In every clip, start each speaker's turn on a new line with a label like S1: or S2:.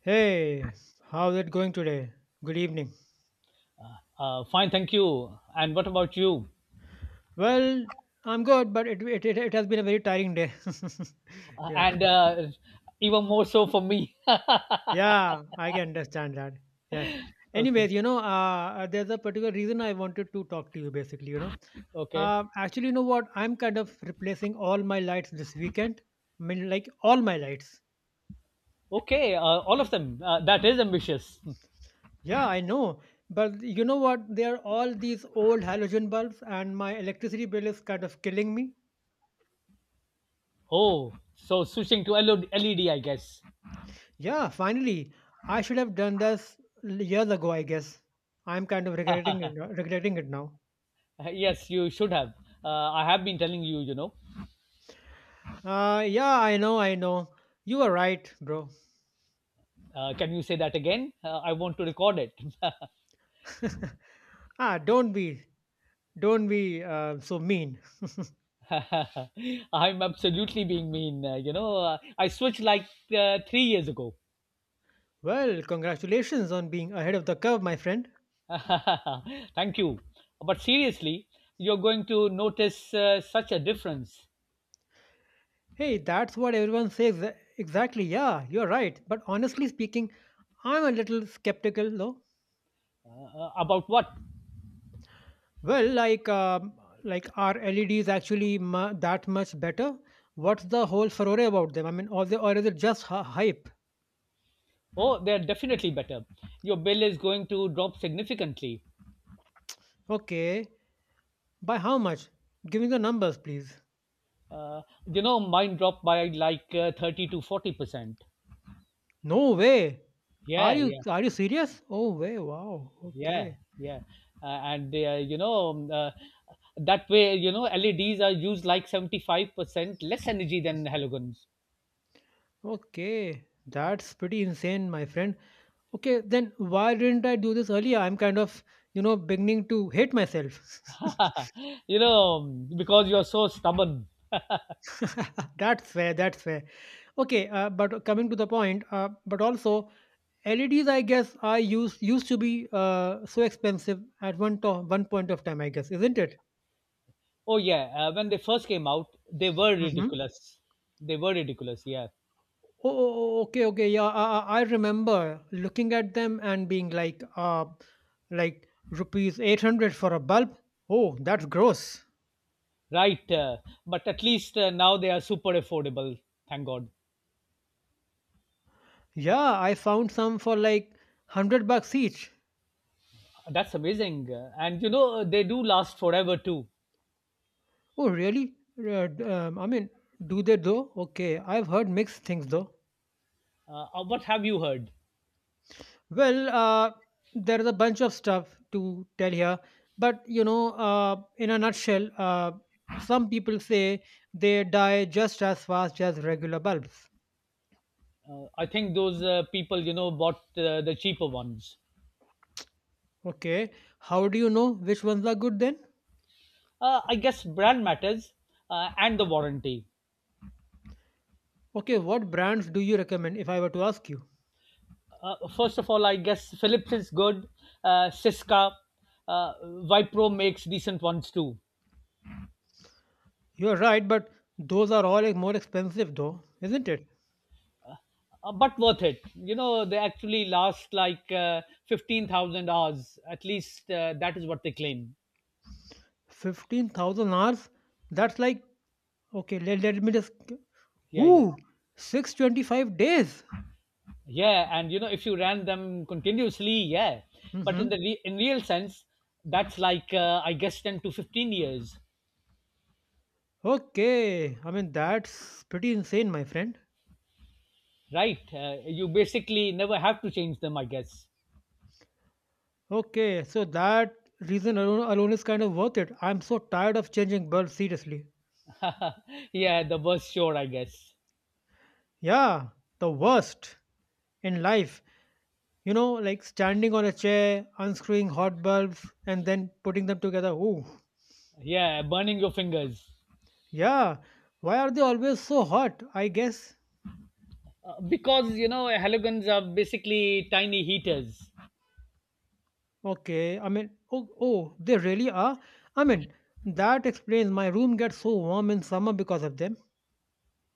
S1: Hey, how's it going today? Good evening.
S2: Fine, thank you. And what about you?
S1: Well, I'm good, but it has been a very tiring day. yeah,
S2: And even more so for me.
S1: yeah, I can understand that. Yeah.
S2: Okay,
S1: Anyways, you know, there's a particular reason I wanted to talk to you. Basically, you know,
S2: okay,
S1: actually, you know what? I'm kind of replacing all my lights this weekend. I mean, like all my lights.
S2: okay. All of them. That is ambitious.
S1: Yeah, I know. But you know what? They are all these old halogen bulbs, and my electricity bill is kind of killing me.
S2: Oh, so switching to LED, I guess.
S1: Yeah, finally. I should have done this years ago, I guess. I'm kind of regretting it now.
S2: Yes, you should have. I have been telling you, you know.
S1: Yeah, I know, I know. You are right, bro.
S2: Can you say that again? I want to record it.
S1: ah, don't be so mean.
S2: I'm absolutely being mean. I switched like 3 years ago.
S1: Well, congratulations on being ahead of the curve, my friend.
S2: Thank you. But seriously, you're going to notice such a difference.
S1: Hey, that's what everyone says. Exactly, yeah, you're right. But honestly speaking, I'm a little skeptical, though.
S2: About what?
S1: Well, like are LEDs actually mu that much better? What's the whole furore about them? I mean, or is it just hype?
S2: Oh, they're definitely better. Your bill is going to drop significantly.
S1: Okay, by how much? Give me the numbers, please.
S2: Uh, Mine dropped by like 30 to 40%.
S1: No way. Are
S2: Yeah,
S1: you
S2: yeah,
S1: are you serious? Oh way, wow.
S2: yeah,
S1: Okay,
S2: yeah. And, that way, LEDs are used like 75% less energy than halogens.
S1: okay. That's pretty insane, my friend. Okay, then why didn't I do this earlier? I'm kind of beginning to hate myself.
S2: Because you're so stubborn.
S1: that's fair. That's fair. Okay, but coming to the point, but also LEDs, I guess, are used to be so expensive at one point of time, I guess, isn't it?
S2: Oh yeah, when they first came out, they were
S1: Hmm.
S2: ridiculous. They were ridiculous. Yeah,
S1: Oh, oh, oh, okay, okay, yeah. I remember looking at them and being like rupees 800 for a bulb. Oh, that's gross.
S2: right. But at least now they are super affordable. Thank God.
S1: Yeah, I found some for like 100 bucks each.
S2: That's amazing. And they do last forever too.
S1: Oh, really? I mean, do they though? Okay, I've heard mixed things though.
S2: What have you heard?
S1: Well, there's a bunch of stuff to tell here, but in a nutshell, some people say they die just as fast as regular bulbs.
S2: I think those people bought the cheaper ones.
S1: Okay, how do you know which ones are good then?
S2: I guess brand matters and the warranty.
S1: Okay, what brands do you recommend if I were to ask you?
S2: First of all, I guess Philips is good. Siska, uh, Vipro makes decent ones too.
S1: You're right, but those are all like, more expensive though, isn't it?
S2: But worth it. You know, they actually last like 15,000 hours. At least that is what they claim.
S1: 15,000 hours? That's like, okay, let me just.
S2: Yeah, yeah.
S1: Ooh, 625 days.
S2: Yeah, and if you ran them continuously, yeah. But
S1: Mm-hmm.
S2: in real sense, that's like, I guess, 10 to 15 years,
S1: Okay, I mean that's pretty insane, my friend.
S2: right? You basically never have to change them, I guess.
S1: Okay, so that reason alone is kind of worth it. I'm so tired of changing bulbs, seriously.
S2: Yeah, the worst, sure, I guess.
S1: Yeah, the worst in life. You know, like standing on a chair, unscrewing hot bulbs, and then putting them together. Ooh,
S2: Yeah, burning your fingers.
S1: yeah. Why are they always so hot? I guess.
S2: Because halogens are basically tiny heaters.
S1: Okay, I mean, oh, oh, they really are. I mean, that explains my room gets so warm in summer because of them.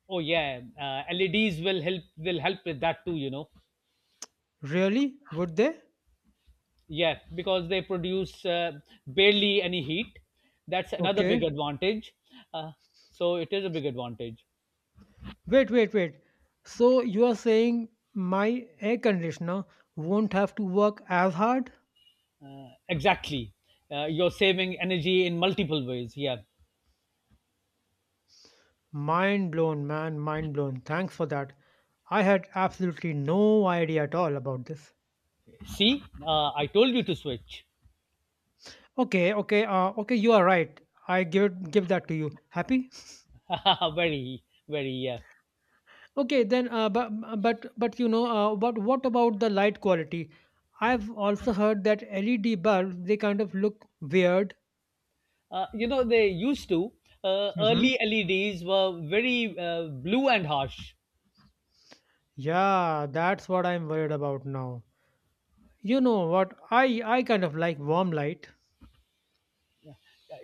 S2: Oh yeah, LEDs will help with that too. You know,
S1: Really? Would they?
S2: yeah, because they produce barely any heat. That's another big
S1: Okay.
S2: advantage. Uh, so it is a big advantage.
S1: Wait, wait, wait. So you are saying my air conditioner won't have to work as hard?
S2: Exactly, you're saving energy in multiple ways. Yeah.
S1: Mind blown, man, mind blown. Thanks for that. I had absolutely no idea at all about this.
S2: See, I told you to switch.
S1: Okay, okay, okay, you are right. I give that to you. Happy?
S2: Very, very. Yeah.
S1: Okay, then but but you know, but what about the light quality? I've also heard that LED bulbs they kind of look weird.
S2: They used to.
S1: Hmm.
S2: Early LEDs were very blue and harsh.
S1: Yeah, that's what I'm worried about now. You know what? I kind of like warm light.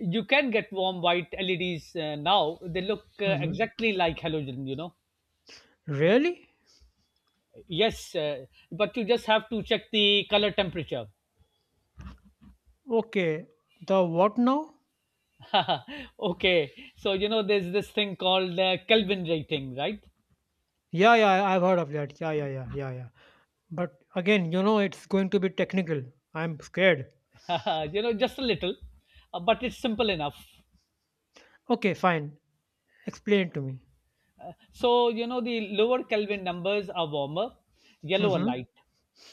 S2: You can get warm white LEDs now. They look
S1: Hmm.
S2: exactly like halogen.
S1: Really?
S2: Yes, but you just have to check the color temperature.
S1: Okay. The what now?
S2: Okay, so there's this thing called Kelvin rating, right?
S1: Yeah, yeah, I've heard of that. Yeah, yeah, yeah, yeah, yeah. But again, you know, it's going to be technical. I'm scared.
S2: Just a little, but it's simple enough.
S1: Okay, fine. Explain to me.
S2: So the lower Kelvin numbers are warmer, yellower
S1: Mm-hmm.
S2: light,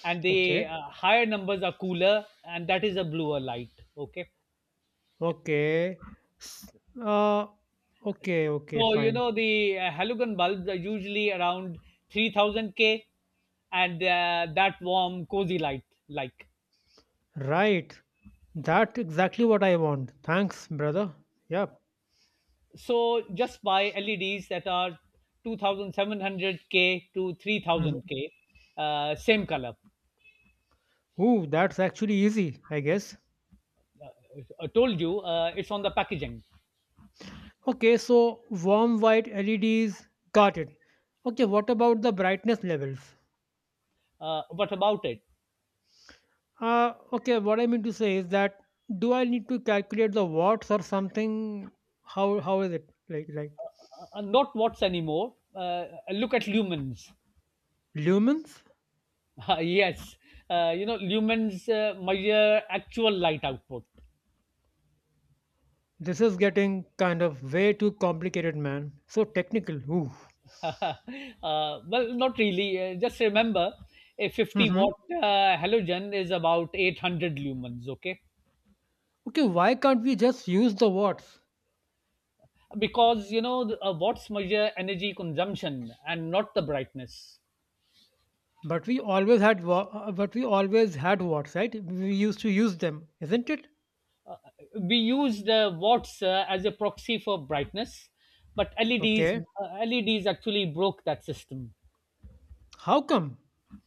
S2: and
S1: Okay.
S2: the higher numbers are cooler, and that is a bluer light. Okay.
S1: Okay. S- Uh, okay, okay,
S2: So
S1: fine.
S2: the halogen bulbs are usually around 3000 K, and that warm, cozy light like.
S1: Right. That's exactly what I want. Thanks, brother. Yep.
S2: So just buy LEDs that are 2700 K to
S1: Mhm.
S2: 3000 K, same color.
S1: Ooh, that's actually easy, I guess.
S2: I told you it's on the packaging.
S1: Okay, so warm white LEDs, got it. Okay, what about the brightness levels?
S2: What about it?
S1: Okay, what I mean to say is that do I need to calculate the watts or something? How is it like
S2: Not watts anymore. Look at lumens.
S1: lumens?
S2: Yes, lumens measure actual light output.
S1: This is getting kind of way too complicated, man. So technical. Ooh.
S2: uh, well, not really. Just remember, a 50
S1: Mm-hmm.
S2: watt halogen is about 800 lumens, okay?
S1: Okay, why can't we just use the watts?
S2: Because watts measure energy consumption and not the brightness.
S1: But we always had watts, right? We used to use them, isn't it?
S2: We use the watts as a proxy for brightness, but LEDs
S1: Okay,
S2: actually broke that system.
S1: how come?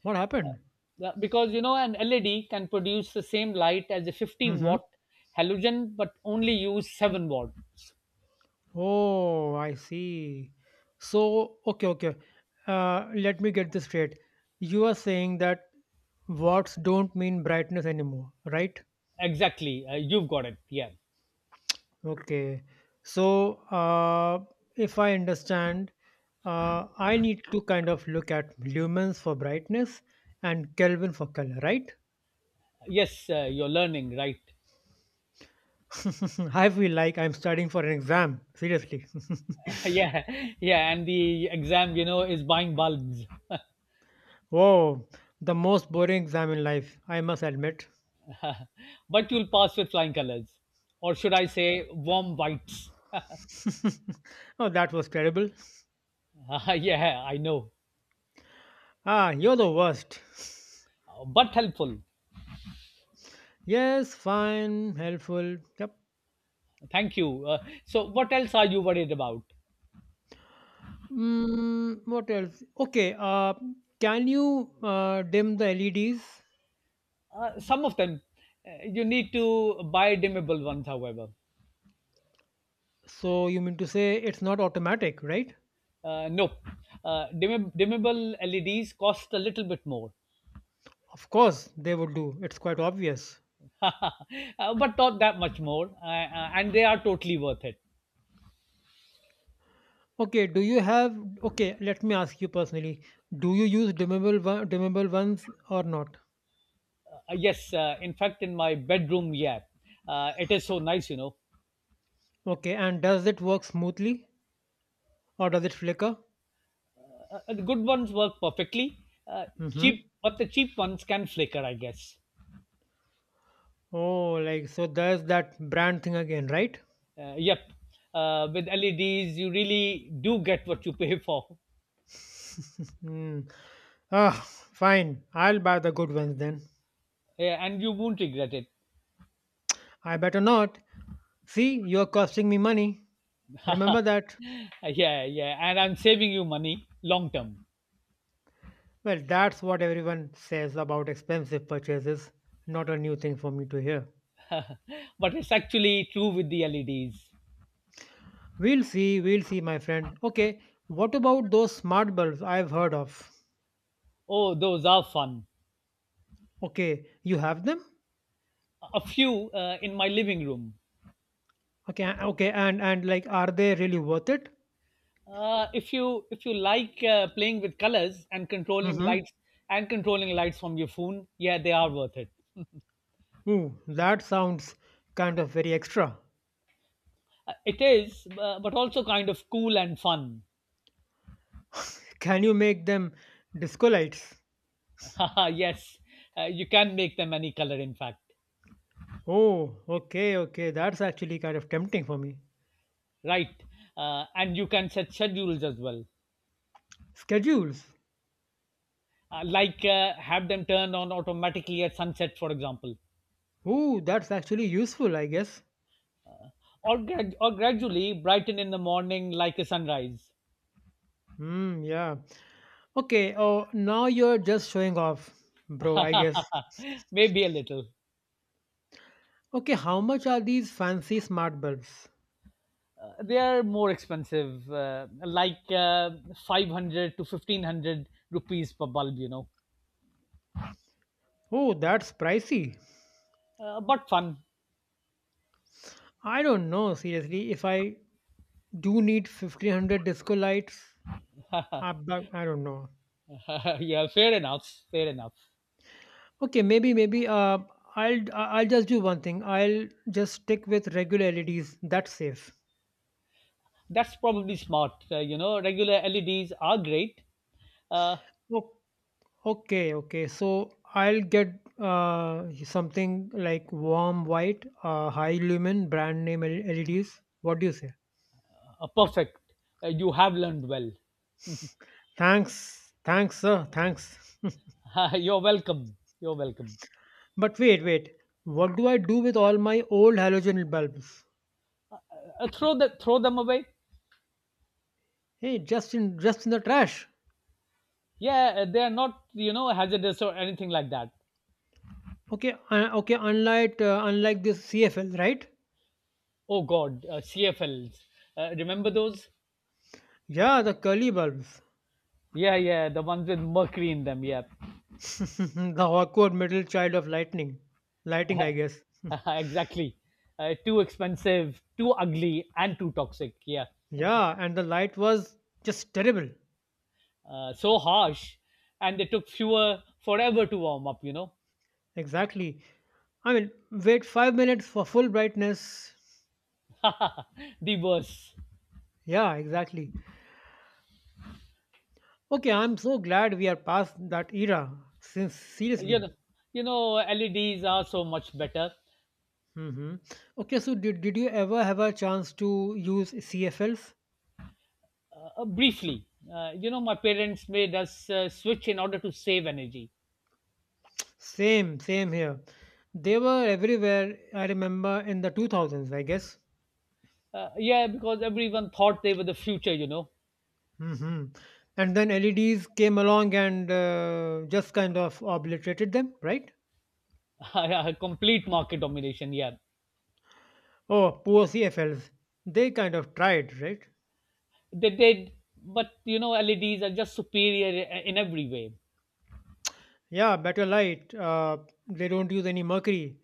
S1: What happened?
S2: Because an LED can produce the same light as a 50
S1: Mm-hmm.
S2: watt halogen, but only use 7 watts.
S1: Oh, I see. So, okay, okay. Let me get this straight. You are saying that watts don't mean brightness anymore, right?
S2: Exactly, you've got it. Yeah.
S1: Okay. So, if I understand, I need to kind of look at lumens for brightness and Kelvin for color, right?
S2: Yes, you're learning, right?
S1: I feel like I'm studying for an exam. Seriously.
S2: Yeah, yeah, and the exam, is buying bulbs.
S1: Whoa, the most boring exam in life, I must admit.
S2: But you'll pass with flying colors, or should I say, warm whites?
S1: oh, that was terrible.
S2: Yeah, I know,
S1: Ah, you're the worst.
S2: but helpful.
S1: Yes, fine, helpful. Yep.
S2: Thank you. So, what else are you worried about?
S1: What else? Okay, can you dim the LEDs?
S2: Some of them. You need to buy dimmable ones, however.
S1: So, you mean to say it's not automatic, right?
S2: No, dimmable LEDs cost a little bit more.
S1: Of course, they would do. It's quite obvious.
S2: uh, but not that much more, and they are totally worth it.
S1: Okay, do you have. Okay, let me ask you personally. Do you use dimmable, dimmable ones or not?
S2: Yes, in fact, in my bedroom, yeah, it is so nice.
S1: Okay, and does it work smoothly or does it flicker?
S2: The good ones work perfectly. Uh,
S1: Mm hmm.
S2: but the cheap ones can flicker, I guess.
S1: Oh, like so there's that brand thing again, right?
S2: Yep, with LEDs, you really do get what you pay for.
S1: Hmm. Ah, fine. I'll buy the good ones then.
S2: Yeah, and you won't regret it.
S1: I better not. See, you're costing me money. Remember that?
S2: Yeah, yeah, and I'm saving you money long term.
S1: Well, that's what everyone says about expensive purchases. Not a new thing for me to hear.
S2: But it's actually true with the LEDs.
S1: We'll see, my friend. Okay, what about those smart bulbs I've heard of?
S2: Oh, those are fun.
S1: Okay, you have them?
S2: A few in my living room.
S1: Okay, okay, and like, are they really worth it?
S2: If you like playing with colors and controlling
S1: Mm-hmm.
S2: lights from your phone, yeah, they are worth it.
S1: Ooh, that sounds kind of very extra.
S2: It is, but also kind of cool and fun.
S1: Can you make them disco lights?
S2: Yes, you can make them any color. In fact.
S1: Oh, okay, okay. That's actually kind of tempting for me.
S2: Right, and you can set schedules as well.
S1: Schedules.
S2: Like have them turn on automatically at sunset, for example.
S1: Ooh, that's actually useful, I guess.
S2: Or gradually brighten in the morning like a sunrise.
S1: Hmm, yeah. Okay, oh, now you're just showing off, bro, I guess.
S2: Maybe a little.
S1: Okay, how much are these fancy smart bulbs?
S2: They are more expensive, like 500 to 1500 rupees per bulb.
S1: Oh, that's pricey.
S2: But fun.
S1: I don't know, seriously. If I do need 1500 disco lights, I, I don't know.
S2: Yeah, fair enough. Fair enough.
S1: Okay, maybe I'll just do one thing. I'll just stick with regular LEDs. That's safe.
S2: That's probably smart. Regular LEDs are great. Uh,
S1: Oh, okay, okay. So I'll get something like warm white, high lumen brand name LEDs. What do you say?
S2: Perfect. You have learned well.
S1: Thanks, thanks, sir. Thanks.
S2: You're welcome. You're welcome.
S1: but wait, wait. What do I do with all my old halogen bulbs?
S2: Throw them away.
S1: Hey, just in the trash.
S2: Yeah, they are not hazardous or anything like that.
S1: Okay, okay. Unlike this CFL, right?
S2: Oh God, CFLs. Remember those?
S1: Yeah, the curly bulbs.
S2: Yeah, yeah, the ones with mercury in them. Yeah.
S1: the awkward middle child of lightning. Lighting, I guess.
S2: Exactly. Too expensive, too ugly, and too toxic. Yeah.
S1: yeah, and the light was just terrible.
S2: So harsh. And they took fewer forever to warm up.
S1: Exactly. I mean, wait 5 minutes for full brightness.
S2: The worst.
S1: Yeah, exactly. Okay, I'm so glad we are past that era. Since
S2: You
S1: seriously.
S2: know, LEDs are so much better.
S1: Hmm. Okay, so did you ever have a chance to use CFLs?
S2: Briefly, my parents made us switch in order to save energy.
S1: Same, same here. They were everywhere, I remember, in the 2000s, I guess.
S2: Yeah, because everyone thought they were the future.
S1: Mhm. And then LEDs came along and just kind of obliterated them, right?
S2: Complete market domination, yeah.
S1: Oh, poor CFLs. They kind of tried, right?
S2: They did, but LEDs are just superior in every way.
S1: Yeah, better light. They don't use any mercury.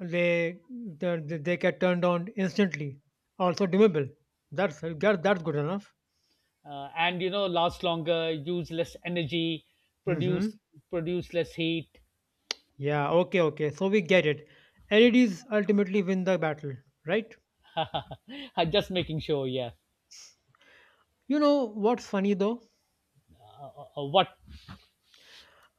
S1: They they get turned on instantly. Also dimmable. That's good enough.
S2: And last longer, use less energy, produce
S1: Mm-hmm.
S2: less heat.
S1: Yeah. Okay. Okay. So we get it. LEDs ultimately win the battle, right?
S2: I'm just making sure. Yeah.
S1: You know what's funny though?
S2: uh, what?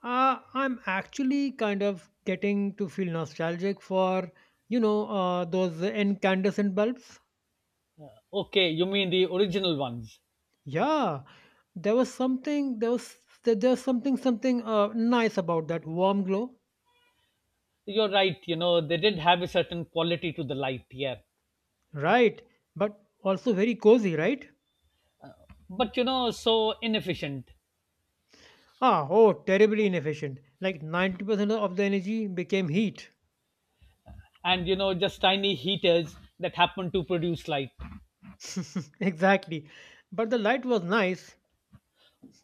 S1: I'm actually kind of getting to feel nostalgic for, those incandescent bulbs.
S2: Okay, you mean the original ones?
S1: Yeah, there was something, there was, there's something nice about that warm glow.
S2: You're right, they did have a certain quality to the light, yeah.
S1: Right, but also very cozy, right?
S2: But so inefficient.
S1: Ah, oh, terribly inefficient. Like 90% of the energy became heat.
S2: And just tiny heaters that happen to produce light.
S1: Exactly. But the light was nice.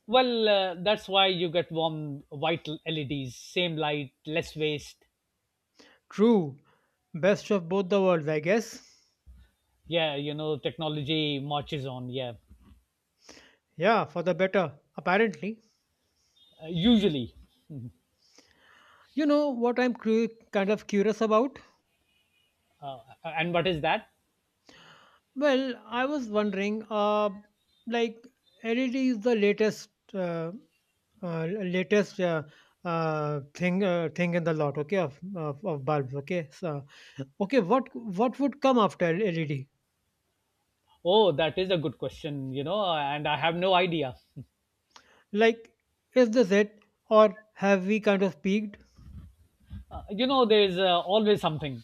S2: Well, that's why you get warm white LEDs, same light, less waste.
S1: True. Best of both the worlds, I guess.
S2: Yeah, technology marches on, yeah.
S1: Yeah, for the better, apparently.
S2: Usually.
S1: You know what I'm kind of curious about?
S2: Uh, and what is that?
S1: Well, I was wondering, like LED is the uh, latest thing in the lot, okay, of bulbs, okay. So, okay, what would come after LED?
S2: Oh, that is a good question, and I have no idea.
S1: Like, is this it, or have we kind of peaked?
S2: There is always something.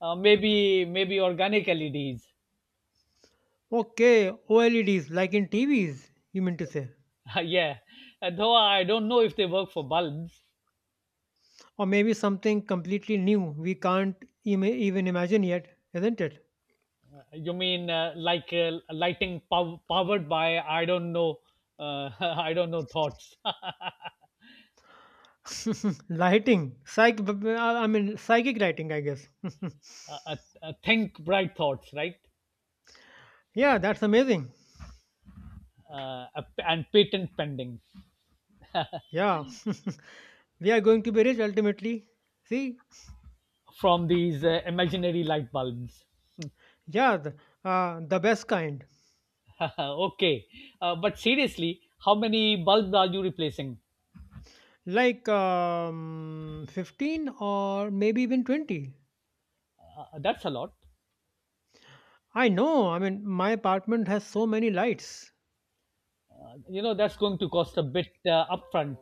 S2: Maybe, maybe organic LEDs.
S1: Okay, OLEDs, like in TVs, you mean to say,
S2: Yeah. Though I don't know if they work for bulbs.
S1: or maybe something completely new we can't even imagine yet, isn't it?
S2: You mean like lighting powered by, I don't know, uh, I don't know, thoughts.
S1: Lighting, psych, b- b- I mean, psychic lighting. I guess.
S2: Uh, think bright thoughts, right?
S1: yeah, that's amazing.
S2: And patent pending
S1: Yeah, we are going to be rich ultimately. See,
S2: from these imaginary light bulbs.
S1: yeah, the best kind,
S2: Okay. But seriously, how many bulbs are you replacing?
S1: like 15 or maybe even 20.
S2: That's a lot.
S1: I know, I mean, my apartment has so many lights.
S2: That's going to cost a bit upfront.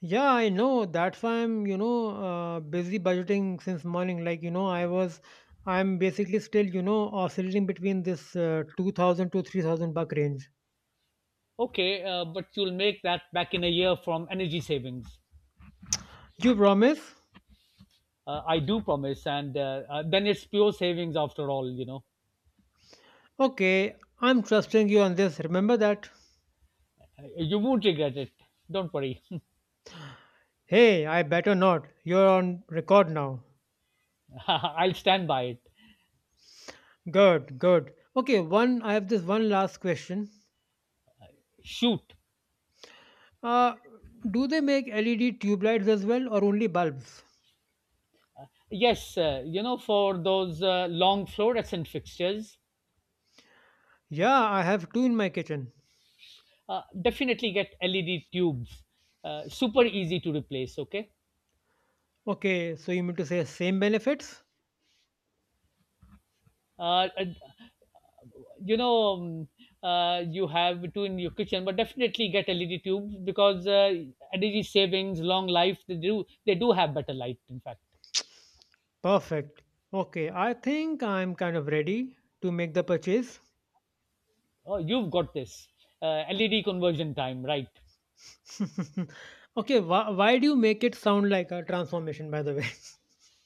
S1: Yeah, I know. That's why I'm, busy budgeting since morning. Like, I'm basically still, oscillating between this 2000 to 3000 buck range.
S2: Okay, but you'll make that back in a year from energy savings.
S1: You promise?
S2: I do promise. And then it's pure savings after all, you know.
S1: Okay, I'm trusting you on this. Remember that.
S2: You won't regret it. Don't worry.
S1: Hey, I better not. You're on record now.
S2: I'll stand by it.
S1: Good, good. Okay, one. I have this one last question.
S2: Shoot.
S1: Uh, do they make LED tube lights as well, or only bulbs?
S2: Yes, for those long fluorescent fixtures.
S1: Yeah, I have two in my kitchen.
S2: Definitely get LED tubes. Super easy to replace. Okay,
S1: Okay, so you mean to say same benefits?
S2: and, you know you have two in your kitchen, but definitely get LED tubes because energy savings, long life. They do have better light. In fact.
S1: Perfect. Okay, I think I'm kind of ready to make the purchase.
S2: Oh, you've got this, LED conversion time, right.
S1: Why do you make it sound like a transformation, by the way?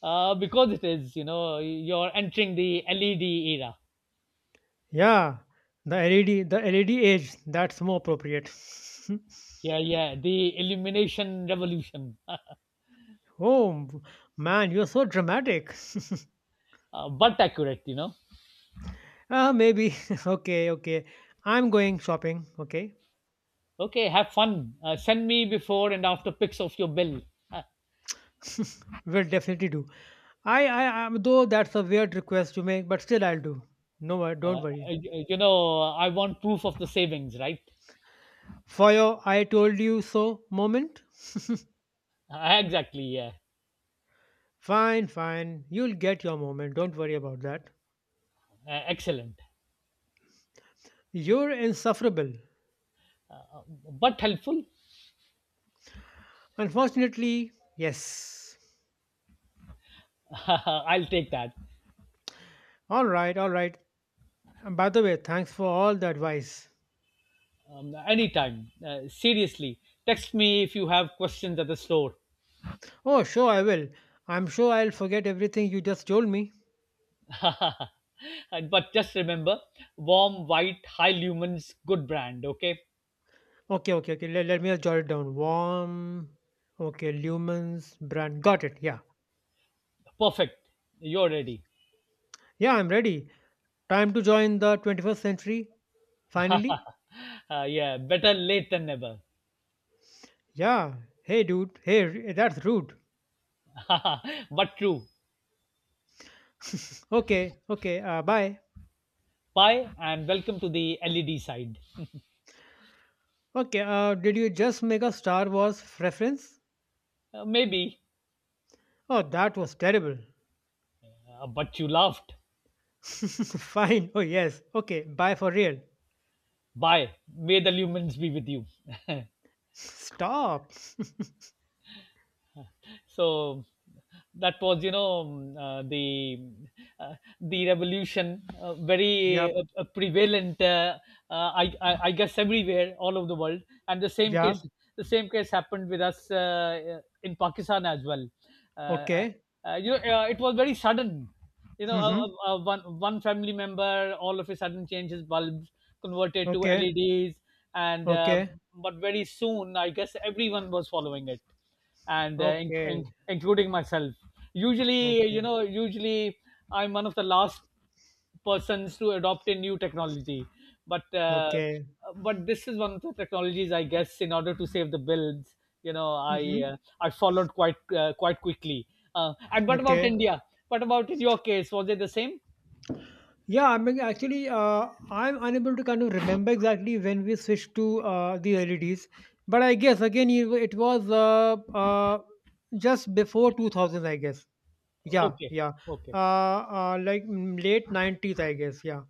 S2: Because it is, you're entering the LED era.
S1: Yeah, the LED age, that's more appropriate.
S2: Yeah, yeah, the illumination revolution.
S1: Oh man, you're so dramatic.
S2: But accurate.
S1: Ah, maybe. Okay. I'm going shopping. Okay,
S2: Okay, have fun. Send me before and after pics of your bill. Uh,
S1: will definitely do. I, though that's a weird request to make, but still I'll do. No,
S2: uh,
S1: don't worry.
S2: you know, I want proof of the savings, right?
S1: For your "I told you so" moment.
S2: Exactly, yeah.
S1: Fine. You'll get your moment. Don't worry about that.
S2: Excellent.
S1: You're insufferable.
S2: Uh, but helpful.
S1: Unfortunately, yes.
S2: I'll take that.
S1: All right. And by the way, thanks for all the advice.
S2: Anytime. Seriously, text me if you have questions at the store.
S1: Oh, sure, I will. I'm sure I'll forget everything you just told me.
S2: But just remember: warm, white, high lumens, good brand, okay?
S1: Okay. Let me just jot it down. Warm. Okay, lumens, brand. Got it. Yeah.
S2: Perfect. You're ready.
S1: Yeah, I'm ready. Time to join the 21st century. Finally.
S2: Yeah, better late than never.
S1: Yeah. Hey, dude. That's rude.
S2: But true.
S1: Okay. Bye.
S2: Bye and welcome to the LED side.
S1: Okay, did you just make a Star Wars reference?
S2: Maybe,
S1: Oh, that was terrible.
S2: but you laughed.
S1: Fine. Oh, yes. Okay, bye for real.
S2: Bye. May the lumens be with you.
S1: Stop.
S2: So that was, uh, the revolution,
S1: Yep.
S2: very, prevalent, I guess, everywhere all over the world. And the same
S1: Yeah.
S2: case the same case happened with us, in Pakistan as well. uh,
S1: Okay.
S2: it was very sudden. you know uh,
S1: Mm-hmm.
S2: uh, uh, one one family member all of a sudden changed his bulbs, converted to
S1: Okay.
S2: LEDs, and,
S1: Okay.
S2: but very soon, I guess, everyone was following it, and,
S1: Okay.
S2: including myself. usually you
S1: Okay.
S2: know usually I'm one of the last persons to adopt a new technology, but, uh,
S1: Okay.
S2: but this is one of the technologies, I guess, in order to save the bills. you know i
S1: Mm-hmm.
S2: uh, i followed quite quickly. And what about
S1: Okay.
S2: India? What about in your case, was it the same?
S1: Yeah, I mean, actually, I'm unable to kind of remember exactly when we switched to the LEDs, but I guess again it was just before 2000, I guess. Yeah,
S2: Okay.
S1: yeah.
S2: Okay.
S1: Uh, like late 90s, I guess. Yeah.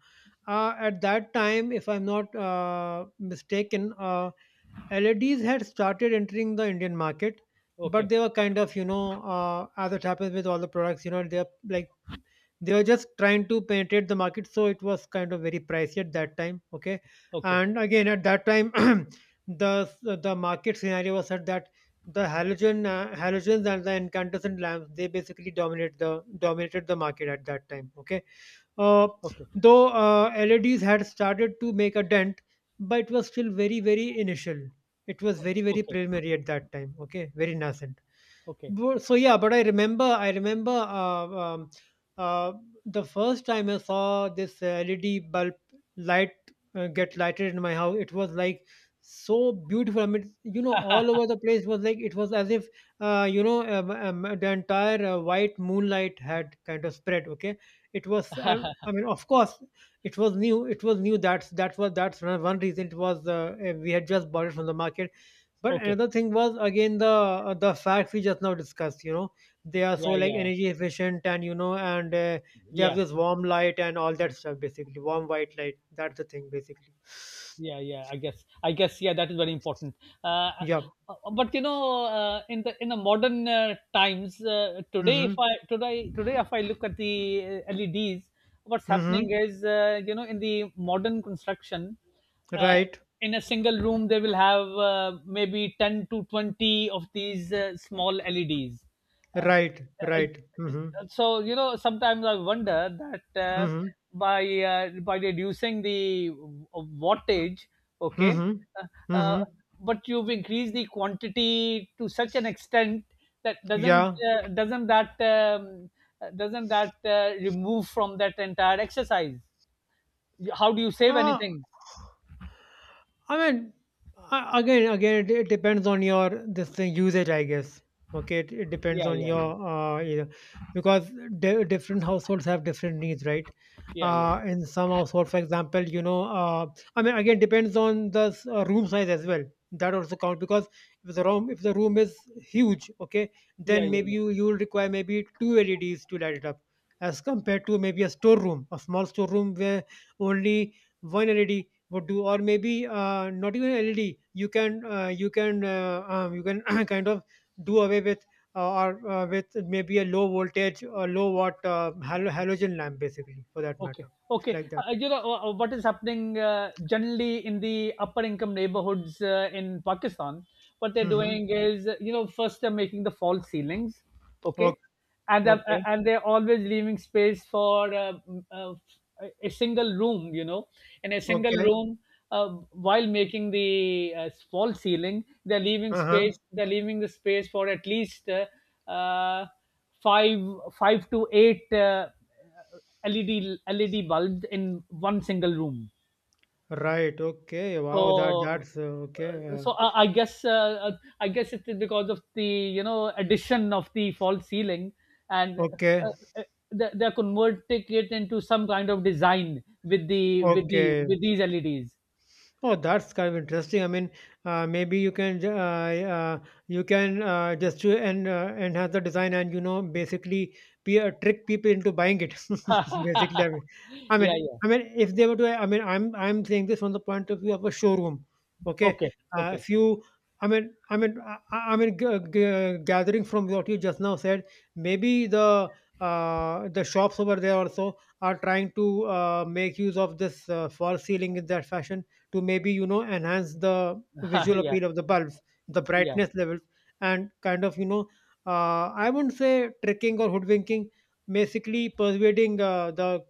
S1: At that time, if I'm not mistaken, LEDs had started entering the Indian market, but
S2: Okay.
S1: they were kind of, you know, as it happens with all the products, you know, they're like they were just trying to penetrate the market, so it was kind of very pricey at that time. Okay,
S2: Okay.
S1: and again at that time, the market scenario was such that the halogens and the incandescent lamps they basically dominated the market at that time. Okay, uh,
S2: Okay.
S1: though LEDs had started to make a dent, but it was still very very initial. It was very very
S2: Okay.
S1: preliminary at that time. Okay, very nascent.
S2: Okay.
S1: So yeah, but I remember uh, the first time I saw this LED bulb light get lighted in my house. It was like so beautiful. I mean, you know, all over the place was like, it was as if you know, the entire white moonlight had kind of spread. Okay, it was I mean, of course it was new. It was new that's that was that's one reason. It was we had just bought it from the market, but
S2: Okay.
S1: another thing was again the facts we just now discussed. You know, they are so
S2: Yeah,
S1: like
S2: yeah,
S1: energy efficient, and you know, and they have
S2: yeah,
S1: this warm light and all that stuff. Basically, warm white light. That's the thing, basically.
S2: yeah, yeah. I guess, yeah, that is very important. uh,
S1: Yeah.
S2: uh, but you know uh, in the modern, times, uh, today if
S1: Mm-hmm.
S2: i today today if I look at the, LEDs, what's
S1: Mm-hmm.
S2: happening is, in the modern construction. uh,
S1: Right.
S2: in a single room, they will have, maybe 10 to 20 of these, small LEDs. Uh,
S1: Right.
S2: uh,
S1: Right. Mm-hmm.
S2: so sometimes I wonder that,
S1: Mm-hmm.
S2: by by reducing the w- wattage, okay,
S1: Mm-hmm.
S2: uh, uh,
S1: Mm-hmm.
S2: but you've increased the quantity to such an extent that
S1: Yeah.
S2: doesn't that remove from that entire exercise. How do you save
S1: Uh,
S2: anything?
S1: I mean, again, it depends on your this thing usage, I guess. Okay, it depends
S2: Yeah,
S1: on
S2: yeah, yeah,
S1: your you know, because different households have different needs, right?
S2: yeah, yeah,
S1: In some household, for example, you know, I mean, again, depends on the room size as well. That also count because if the room is huge, okay,
S2: yeah,
S1: then
S2: yeah,
S1: maybe
S2: yeah.
S1: you will require maybe two LEDs to light it up, as compared to maybe a storeroom, a small storeroom where only one LED would do, or maybe not even LED. You can kind of do away with or with maybe a low voltage or low watt halogen lamp, basically, for that
S2: Okay.
S1: matter. It's
S2: Okay.
S1: like that.
S2: What is happening, generally in the upper income neighborhoods, in Pakistan? What they're
S1: Mm-hmm.
S2: doing is, first they're making the false ceilings,
S1: Okay.
S2: okay, and they're, uh,
S1: Okay.
S2: and they're always leaving space for, a single room, in a single
S1: Okay.
S2: room. While making the, false ceiling, they're
S1: Uh
S2: leaving
S1: huh.
S2: space. They're leaving the space for at least, uh, five, five to eight LED bulbs in one single room.
S1: Right. Okay. Wow. That
S2: So,
S1: that's Okay.
S2: uh, so I guess it is because of the, addition of the false ceiling, and,
S1: Okay.
S2: uh, uh, they're converting it into some kind of design with
S1: Okay.
S2: these LEDs.
S1: Oh, that's kind of interesting. I mean, maybe you can just to and enhance the design and you know basically trick people into buying it. Basically,
S2: Yeah, yeah.
S1: I mean, if they were to, I mean, I'm saying this from the point of view of a showroom. Okay,
S2: Okay, okay.
S1: if you, I mean, gathering from what you just now said, maybe the shops over there also are trying to make use of this false ceiling in that fashion to maybe you know enhance the visual
S2: Yeah,
S1: appeal of the bulbs, the
S2: yeah.
S1: brightness levels, and kind of you know, I wouldn't say tricking or hoodwinking, basically persuading the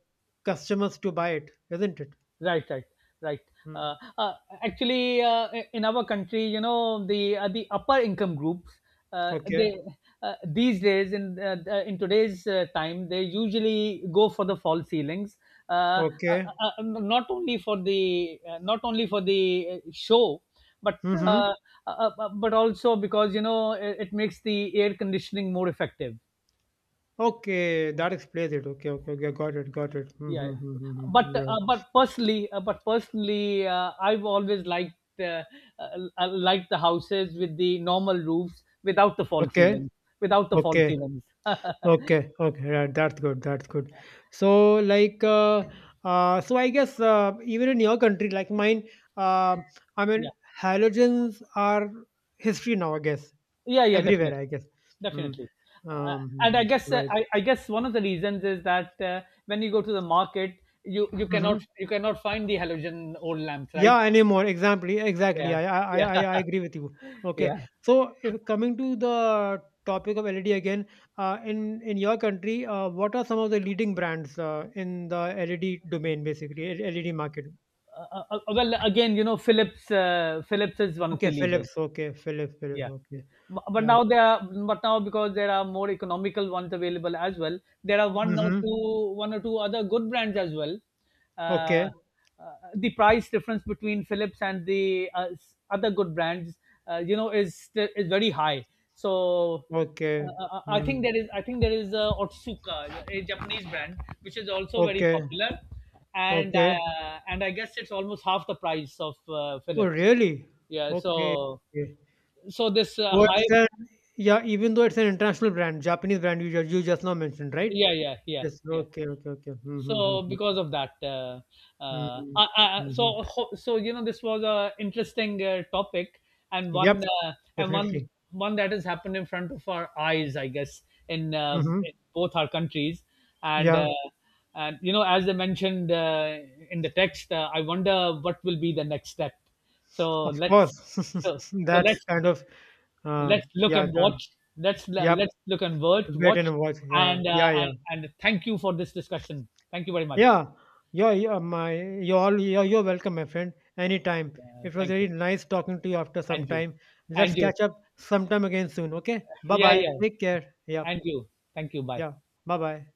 S1: customers to buy it, isn't it?
S2: Right, right, right.
S1: Hmm.
S2: Uh, uh, Actually, in our country, the upper income groups,
S1: Okay,
S2: they these days in today's, time, they usually go for the fall ceilings, Uh, uh,
S1: okay,
S2: not only for the not only for the, show, but,
S1: mm-hmm.
S2: uh, also because it makes the air conditioning more effective.
S1: Okay, that explains it. Okay, okay, okay, got it, got it.
S2: Yeah,
S1: Mm-hmm.
S2: yeah.
S1: Mm-hmm,
S2: but
S1: mm-hmm. Yeah.
S2: uh, but personally uh, but personally uh, I've always uh, liked the houses with the normal roofs, without the false
S1: Okay,
S2: ceilings without the false
S1: okay.
S2: ceilings
S1: Okay, okay, yeah, that's good, that's good. So, like, so I guess even in your country, like mine, uh, I
S2: Yeah,
S1: mean, halogens are history now, I guess,
S2: yeah, yeah.
S1: everywhere,
S2: Definitely.
S1: I guess. Mm.
S2: Definitely. uh, and i
S1: Mhm,
S2: guess uh,
S1: right.
S2: I, I guess one of the reasons is that, when you go to the market, you cannot
S1: Hmm.
S2: find the halogen old lamps, right?
S1: Yeah, anymore. Exactly, exactly.
S2: Yeah, yeah.
S1: I agree with you. Okay.
S2: Yeah.
S1: So, if, coming to the topic of LED again, in your country, what are some of the leading brands in the LED domain, basically, LED market?
S2: Well, again, Philips is one of
S1: Okay,
S2: the leaders.
S1: Philips. Okay, Philips.
S2: Yeah, yeah.
S1: Okay.
S2: Bu- But
S1: Yeah.
S2: now there are, but now, because there are more economical ones available as well, there are one or
S1: Mm-hmm.
S2: two, one or two other good brands as well. Uh,
S1: Okay.
S2: uh, the price difference between Philips and the, other good brands, is, is very high. So uh,
S1: Okay.
S2: uh, uh, I think
S1: Mm.
S2: there is, I think there is Otsuka, a Japanese brand, which is also very
S1: Okay.
S2: popular, and
S1: Okay.
S2: uh, and I guess it's almost half the price of,
S1: Oh,
S2: Philips.
S1: really?
S2: Yeah.
S1: Okay.
S2: So
S1: Okay.
S2: so this,
S1: Though it's
S2: hype,
S1: an, yeah, even though it's an international brand, Japanese brand you you just now mentioned, right?
S2: yeah, yeah, yeah,
S1: Yes.
S2: yeah.
S1: Okay. Okay. Okay.
S2: So
S1: Mm-hmm.
S2: because of that,
S1: Mm-hmm. Mm-hmm.
S2: this was a interesting, topic,
S1: Yep.
S2: and one
S1: Definitely.
S2: one that has happened in front of our eyes, I guess, in, uh,
S1: Mm-hmm.
S2: in both our countries, and
S1: Yeah.
S2: uh, and as I mentioned, in the text, I wonder what will be the next step. so
S1: Of course.
S2: let's so, so
S1: That's
S2: let's
S1: kind of. Uh.
S2: let's look
S1: Yeah.
S2: and
S1: That.
S2: watch. let's
S1: Yep.
S2: let's look and watch,
S1: Wait
S2: watch.
S1: and watch. Yeah.
S2: and
S1: Yeah.
S2: uh, and
S1: Yeah.
S2: and thank you for this discussion. Thank you very much.
S1: Yeah, you're my you're all you're welcome, my friend. Anytime. It was
S2: Thank you.
S1: really nice talking to you after some
S2: And you.
S1: time. Let's
S2: And you.
S1: catch up sometime again soon. Okay. Bye
S2: Yeah,
S1: bye.
S2: yeah.
S1: Take care. Yeah.
S2: And you. Thank you. Bye.
S1: Yeah. Bye bye.